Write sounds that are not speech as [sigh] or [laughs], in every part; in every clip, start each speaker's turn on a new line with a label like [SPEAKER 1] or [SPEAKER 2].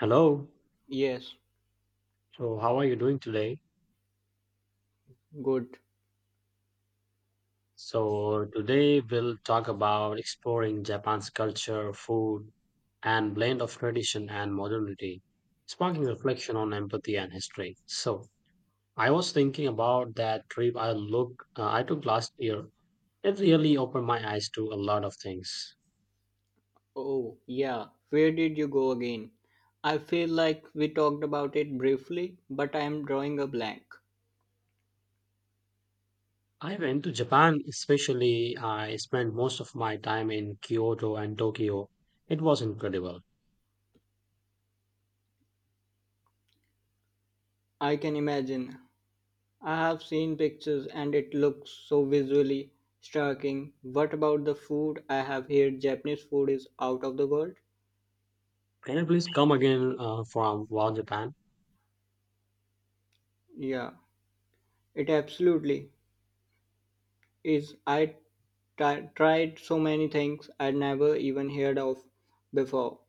[SPEAKER 1] Hello.
[SPEAKER 2] Yes,
[SPEAKER 1] So, how are you doing today?
[SPEAKER 2] good.
[SPEAKER 1] So, today we'll talk about exploring Japan's culture, food, and blend of tradition and modernity, sparking reflection on empathy and history. So, I was thinking about that trip I look I took last year. It really opened my eyes to a lot of things.
[SPEAKER 2] Oh, yeah. Where did you go again? I feel like we talked about it briefly, but I am drawing a blank.
[SPEAKER 1] I went to Japan, especially I spent most of my time in Kyoto and Tokyo. It was incredible.
[SPEAKER 2] I can imagine. I have seen pictures and it looks so visually striking. What about the food? I have heard Japanese food is out of the world.
[SPEAKER 1] Can you please come again from Wow Japan?
[SPEAKER 2] Yeah, it absolutely is. Tried so many things I'd never even heard of before.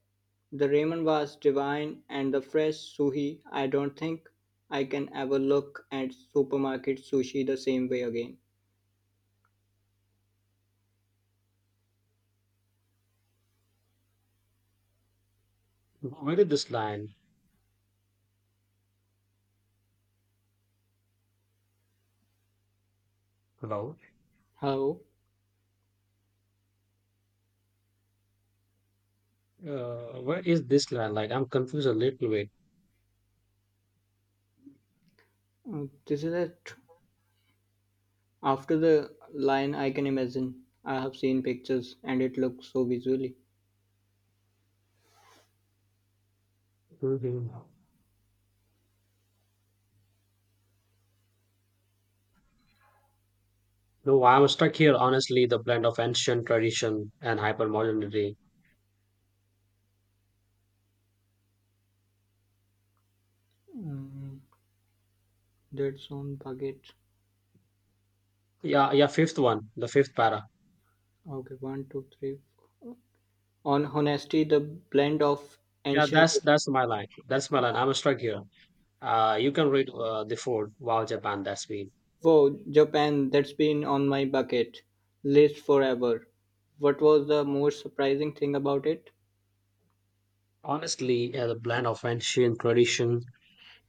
[SPEAKER 2] The ramen was divine, and the fresh sushi. I don't think I can ever look at supermarket sushi the same way again.
[SPEAKER 1] Where did this line about?
[SPEAKER 2] Hello.
[SPEAKER 1] Where is this line? Like, I'm confused a little bit.
[SPEAKER 2] This is it. After the line, I can imagine. I have seen pictures, and it looks so visually.
[SPEAKER 1] hmm No, I'm stuck here. Honestly, the blend of ancient tradition and hypermodernity.
[SPEAKER 2] Mm, that's on baguette.
[SPEAKER 1] Yeah, yeah. Fifth one, the fifth para.
[SPEAKER 2] Okay, one, two, three. On honesty, the blend of
[SPEAKER 1] Yeah,
[SPEAKER 2] ancient.
[SPEAKER 1] that's my line. That's my line. I'm stuck here. You can read the Ford. Wow, Japan, that's me.
[SPEAKER 2] Wow, Japan, that's been on my bucket list forever. What was the most surprising thing about it?
[SPEAKER 1] Honestly, yeah, the blend of ancient tradition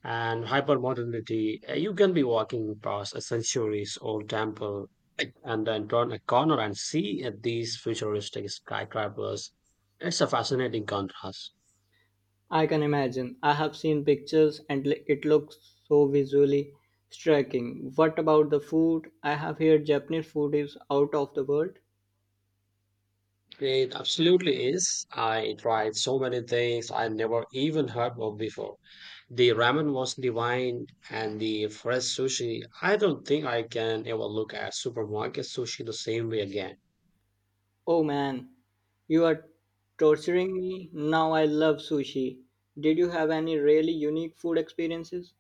[SPEAKER 1] and hypermodernity, you can be walking past a centuries old temple like, and then turn a corner and see these futuristic skyscrapers. It's a fascinating contrast.
[SPEAKER 2] I can imagine. I have seen pictures and it looks so visually striking. What about the food? I have heard Japanese food is out of the world.
[SPEAKER 1] It absolutely is. I tried so many things I never even heard of before. The ramen was divine and the fresh sushi. I don't think I can ever look at supermarket sushi the same way again.
[SPEAKER 2] Oh man, you are torturing me. Now I love sushi. Did you have any really unique food experiences?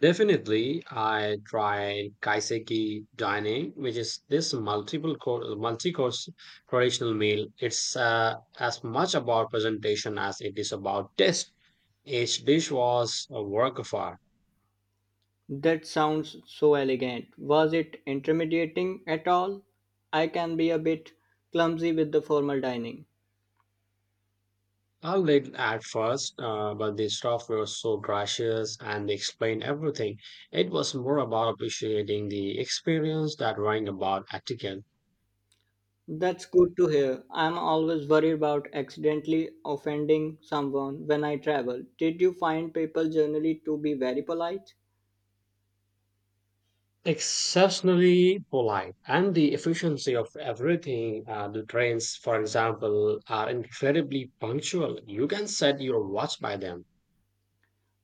[SPEAKER 1] Definitely, I tried kaiseki dining, which is this multi-course traditional meal. It's as much about presentation as it is about taste. Each dish was a work of art.
[SPEAKER 2] That sounds so elegant. Was it intimidating at all? I can be a bit clumsy with the formal dining.
[SPEAKER 1] I little at first, but the staff were so gracious and they explained everything. It was more about appreciating the experience that worrying about etiquette.
[SPEAKER 2] That's good to hear. I'm always worried about accidentally offending someone when I travel. Did you find people generally to be very polite?
[SPEAKER 1] Exceptionally polite, and the efficiency of everything, the trains for example are incredibly punctual. You can set your watch by them.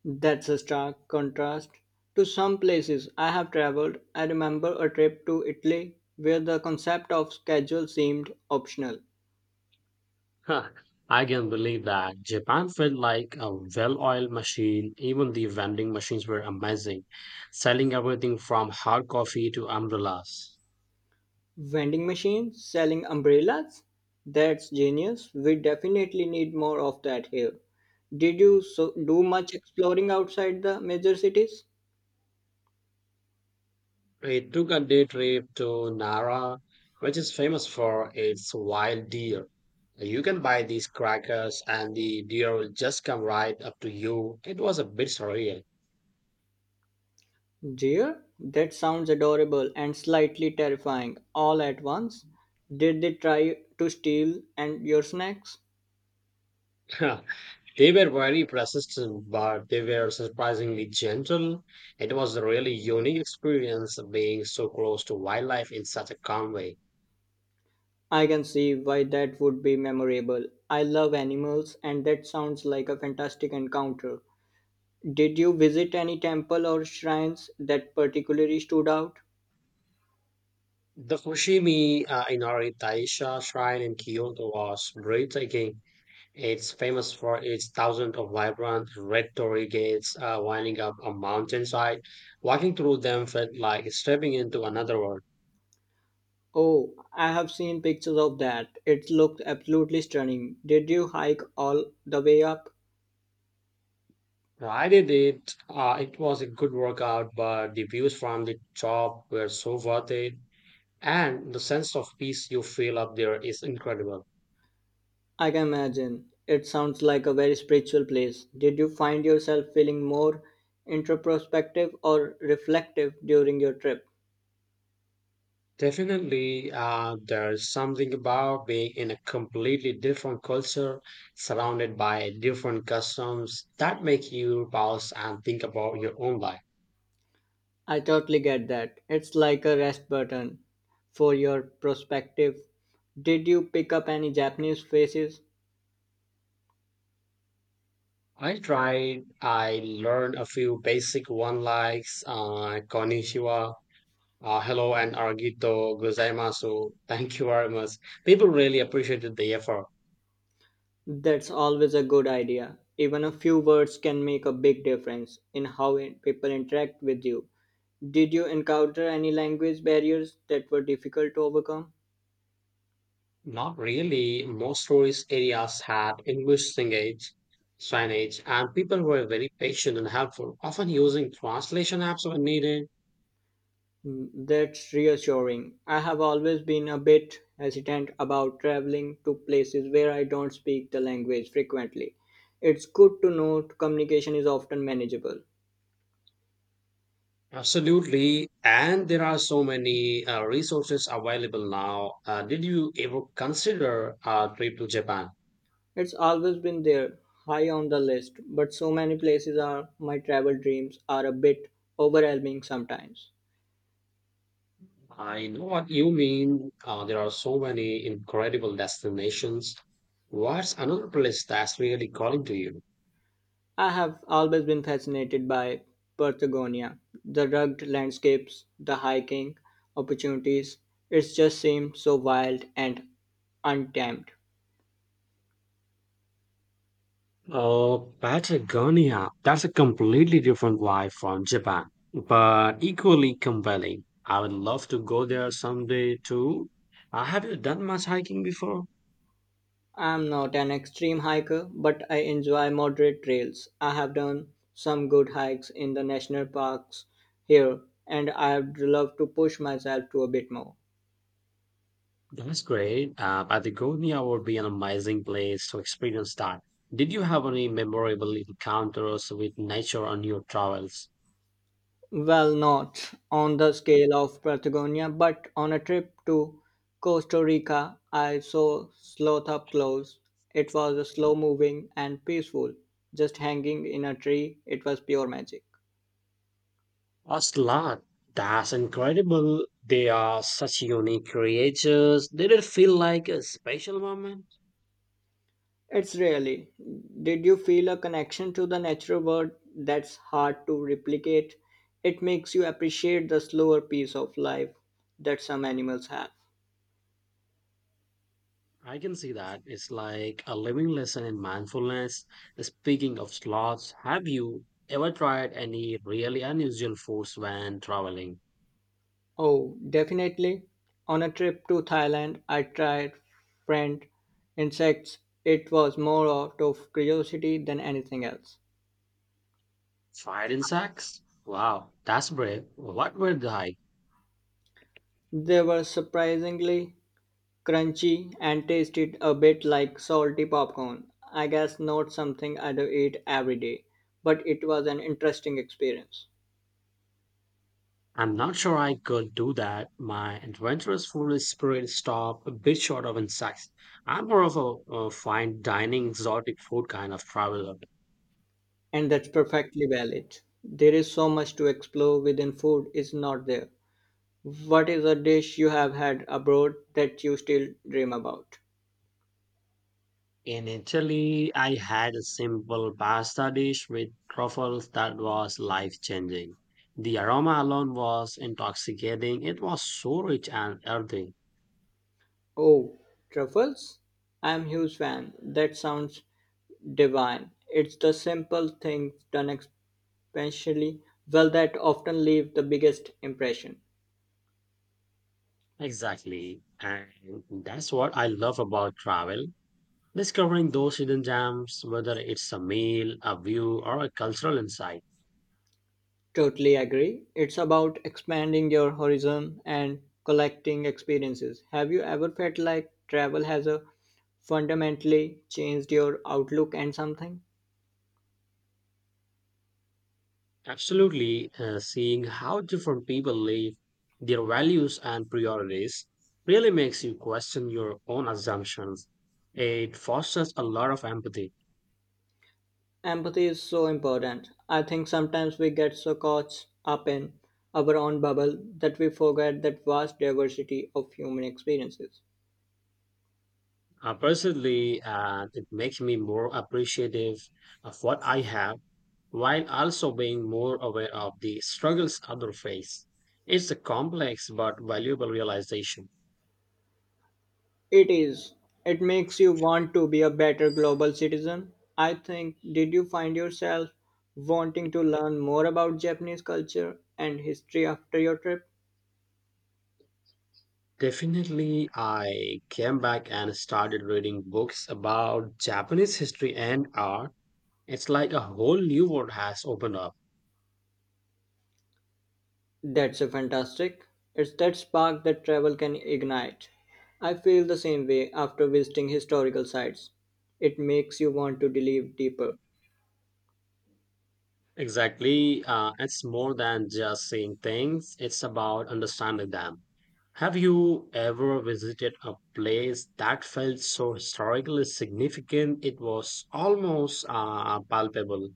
[SPEAKER 2] That's a stark contrast to some places I have traveled. I remember a trip to Italy where the concept of schedule seemed optional.
[SPEAKER 1] Huh, I can believe that Japan felt like a well-oiled machine. Even the vending machines were amazing, selling everything from hard coffee to umbrellas.
[SPEAKER 2] Vending machines selling umbrellas? That's genius. We definitely need more of that here. Did you so do much exploring outside the major cities?
[SPEAKER 1] It took a day trip to Nara, which is famous for its wild deer. You can buy these crackers, and the deer will just come right up to you. It was a bit surreal.
[SPEAKER 2] Dear, that sounds adorable and slightly terrifying all at once. Did they try to steal and your snacks?
[SPEAKER 1] [laughs] They were very persistent, but they were surprisingly gentle. It was a really unique experience being so close to wildlife in such a calm way.
[SPEAKER 2] I can see why that would be memorable. I love animals and that sounds like a fantastic encounter. Did you visit any temple or shrines that particularly stood out?
[SPEAKER 1] The Fushimi Inari Taisha shrine in Kyoto was breathtaking. It's famous for its thousands of vibrant red torii gates winding up a mountainside. Walking through them felt like stepping into another world.
[SPEAKER 2] Oh, I have seen pictures of that. It looked absolutely stunning. Did you hike all the way up?
[SPEAKER 1] I did it. It was a good workout, but the views from the top were so worth it. And the sense of peace you feel up there is incredible.
[SPEAKER 2] I can imagine. It sounds like a very spiritual place. Did you find yourself feeling more introspective or reflective during your trip?
[SPEAKER 1] Definitely, there's something about being in a completely different culture, surrounded by different customs that make you pause and think about your own life.
[SPEAKER 2] I totally get that. It's like a rest button for your perspective. Did you pick up any Japanese phrases?
[SPEAKER 1] I tried. I learned a few basic one likes, konnichiwa, hello, and arigato gozaimasu. Thank you very much. People really appreciated the effort.
[SPEAKER 2] That's always a good idea. Even a few words can make a big difference in how people interact with you. Did you encounter any language barriers that were difficult to overcome?
[SPEAKER 1] Not really. Most tourist areas had signage, and people were very patient and helpful, often using translation apps when needed.
[SPEAKER 2] That's reassuring. I have always been a bit hesitant about traveling to places where I don't speak the language frequently. It's good to know communication is often manageable.
[SPEAKER 1] Absolutely. And there are so many resources available now. Did you ever consider a trip to Japan?
[SPEAKER 2] It's always been there, high on the list, but so many places are my travel dreams are a bit overwhelming sometimes.
[SPEAKER 1] I know what you mean. There are so many incredible destinations. What's another place that's really calling to you?
[SPEAKER 2] I have always been fascinated by Patagonia, the rugged landscapes, the hiking opportunities. It just seems so wild and untamed.
[SPEAKER 1] Oh, Patagonia. That's a completely different vibe from Japan, but equally compelling. I would love to go there someday too. Have you done much hiking before?
[SPEAKER 2] I'm not an extreme hiker, but I enjoy moderate trails. I have done some good hikes in the national parks here, and I'd love to push myself to a bit more.
[SPEAKER 1] That's great. Patagonia would be an amazing place to experience that. Did you have any memorable encounters with nature on your travels?
[SPEAKER 2] Well, not on the scale of Patagonia, but on a trip to Costa Rica, I saw sloth up close. It was slow moving and peaceful, just hanging in a tree. It was pure magic.
[SPEAKER 1] A lot. That's incredible. They are such unique creatures. Did it feel like a special moment?
[SPEAKER 2] It's really. Did you feel a connection to the natural world that's hard to replicate? It makes you appreciate the slower pace of life that some animals have.
[SPEAKER 1] I can see that. It's like a living lesson in mindfulness. Speaking of sloths, have you ever tried any really unusual foods when traveling?
[SPEAKER 2] Oh, definitely. On a trip to Thailand, I tried friend insects. It was more out of curiosity than anything else.
[SPEAKER 1] Fried insects? Wow, that's brave. What were they?
[SPEAKER 2] They were surprisingly crunchy and tasted a bit like salty popcorn. I guess not something I'd eat every day, but it was an interesting experience.
[SPEAKER 1] I'm not sure I could do that. My adventurous foolish spirit stopped a bit short of insights. I'm more of a fine dining, exotic food kind of traveler.
[SPEAKER 2] And that's perfectly valid. There is so much to explore within food is not there. What is a dish you have had abroad that you still dream about?
[SPEAKER 1] In Italy, I had a simple pasta dish with truffles that was life changing. The aroma alone was intoxicating. It was so rich and earthy.
[SPEAKER 2] Oh, truffles? I'm huge fan. That sounds divine. It's the simple things done especially well that often leave the biggest impression.
[SPEAKER 1] Exactly. And that's what I love about travel. Discovering those hidden gems, whether it's a meal, a view, or a cultural insight.
[SPEAKER 2] Totally agree. It's about expanding your horizon and collecting experiences. Have you ever felt like travel has a fundamentally changed your outlook and something?
[SPEAKER 1] Absolutely, seeing how different people live, their values, and priorities really makes you question your own assumptions. It fosters a lot of empathy.
[SPEAKER 2] Empathy is so important. I think sometimes we get so caught up in our own bubble that we forget that vast diversity of human experiences.
[SPEAKER 1] Personally, it makes me more appreciative of what I have while also being more aware of the struggles others face. It's a complex but valuable realization.
[SPEAKER 2] It is. It makes you want to be a better global citizen. I think, did you find yourself wanting to learn more about Japanese culture and history after your trip?
[SPEAKER 1] Definitely, I came back and started reading books about Japanese history and art. It's like a whole new world has opened up.
[SPEAKER 2] That's a fantastic. It's that spark that travel can ignite. I feel the same way after visiting historical sites. It makes you want to delve deeper.
[SPEAKER 1] Exactly. It's more than just seeing things, it's about understanding them. Have you ever visited a place that felt so historically significant it was almost palpable?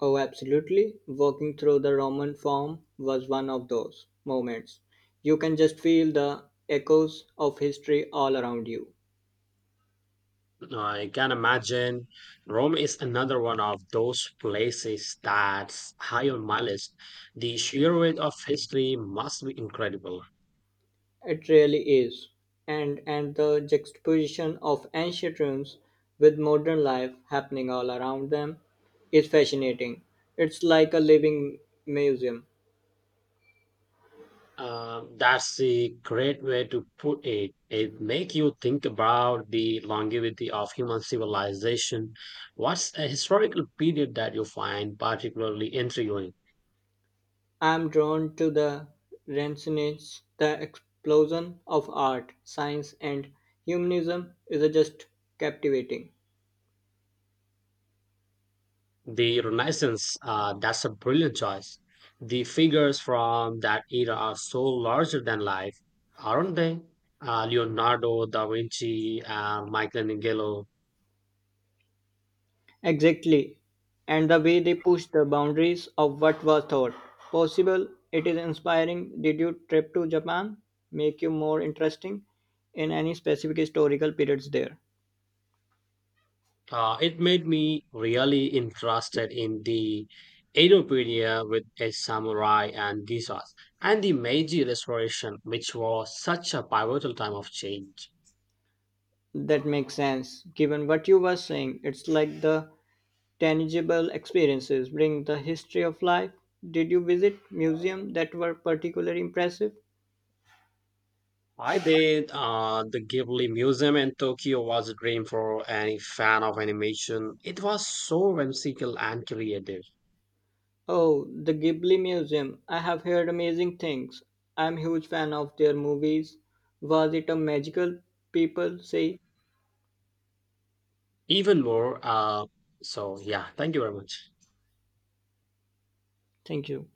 [SPEAKER 2] Oh, absolutely. Walking through the Roman Forum was one of those moments. You can just feel the echoes of history all around you.
[SPEAKER 1] I can imagine Rome is another one of those places that's high on my list. The sheer weight of history must be incredible.
[SPEAKER 2] It really is. And the juxtaposition of ancient rooms with modern life happening all around them is fascinating. It's like a living museum.
[SPEAKER 1] That's a great way to put it. It make you think about the longevity of human civilization. What's a historical period that you find particularly intriguing?
[SPEAKER 2] I'm drawn to the Renaissance, the explosion of art, science and humanism is just captivating.
[SPEAKER 1] The Renaissance, that's a brilliant choice. The figures from that era are so larger than life, aren't they? Leonardo da Vinci and Michelangelo.
[SPEAKER 2] Exactly. And the way they pushed the boundaries of what was thought possible, it is inspiring. Did your trip to Japan make you more interesting in any specific historical periods there?
[SPEAKER 1] It made me really interested in the Edopedia with a samurai and Gisas, and the Meiji Restoration, which was such a pivotal time of change.
[SPEAKER 2] That makes sense. Given what you were saying, it's like the tangible experiences bring the history of life. Did you visit museums that were particularly impressive?
[SPEAKER 1] I did. The Ghibli Museum in Tokyo was a dream for any fan of animation. It was so whimsical and creative.
[SPEAKER 2] Oh, the Ghibli Museum. I have heard amazing things. I'm huge fan of their movies. Was it a magical people say?
[SPEAKER 1] Even more. Yeah, thank you very much.
[SPEAKER 2] Thank you.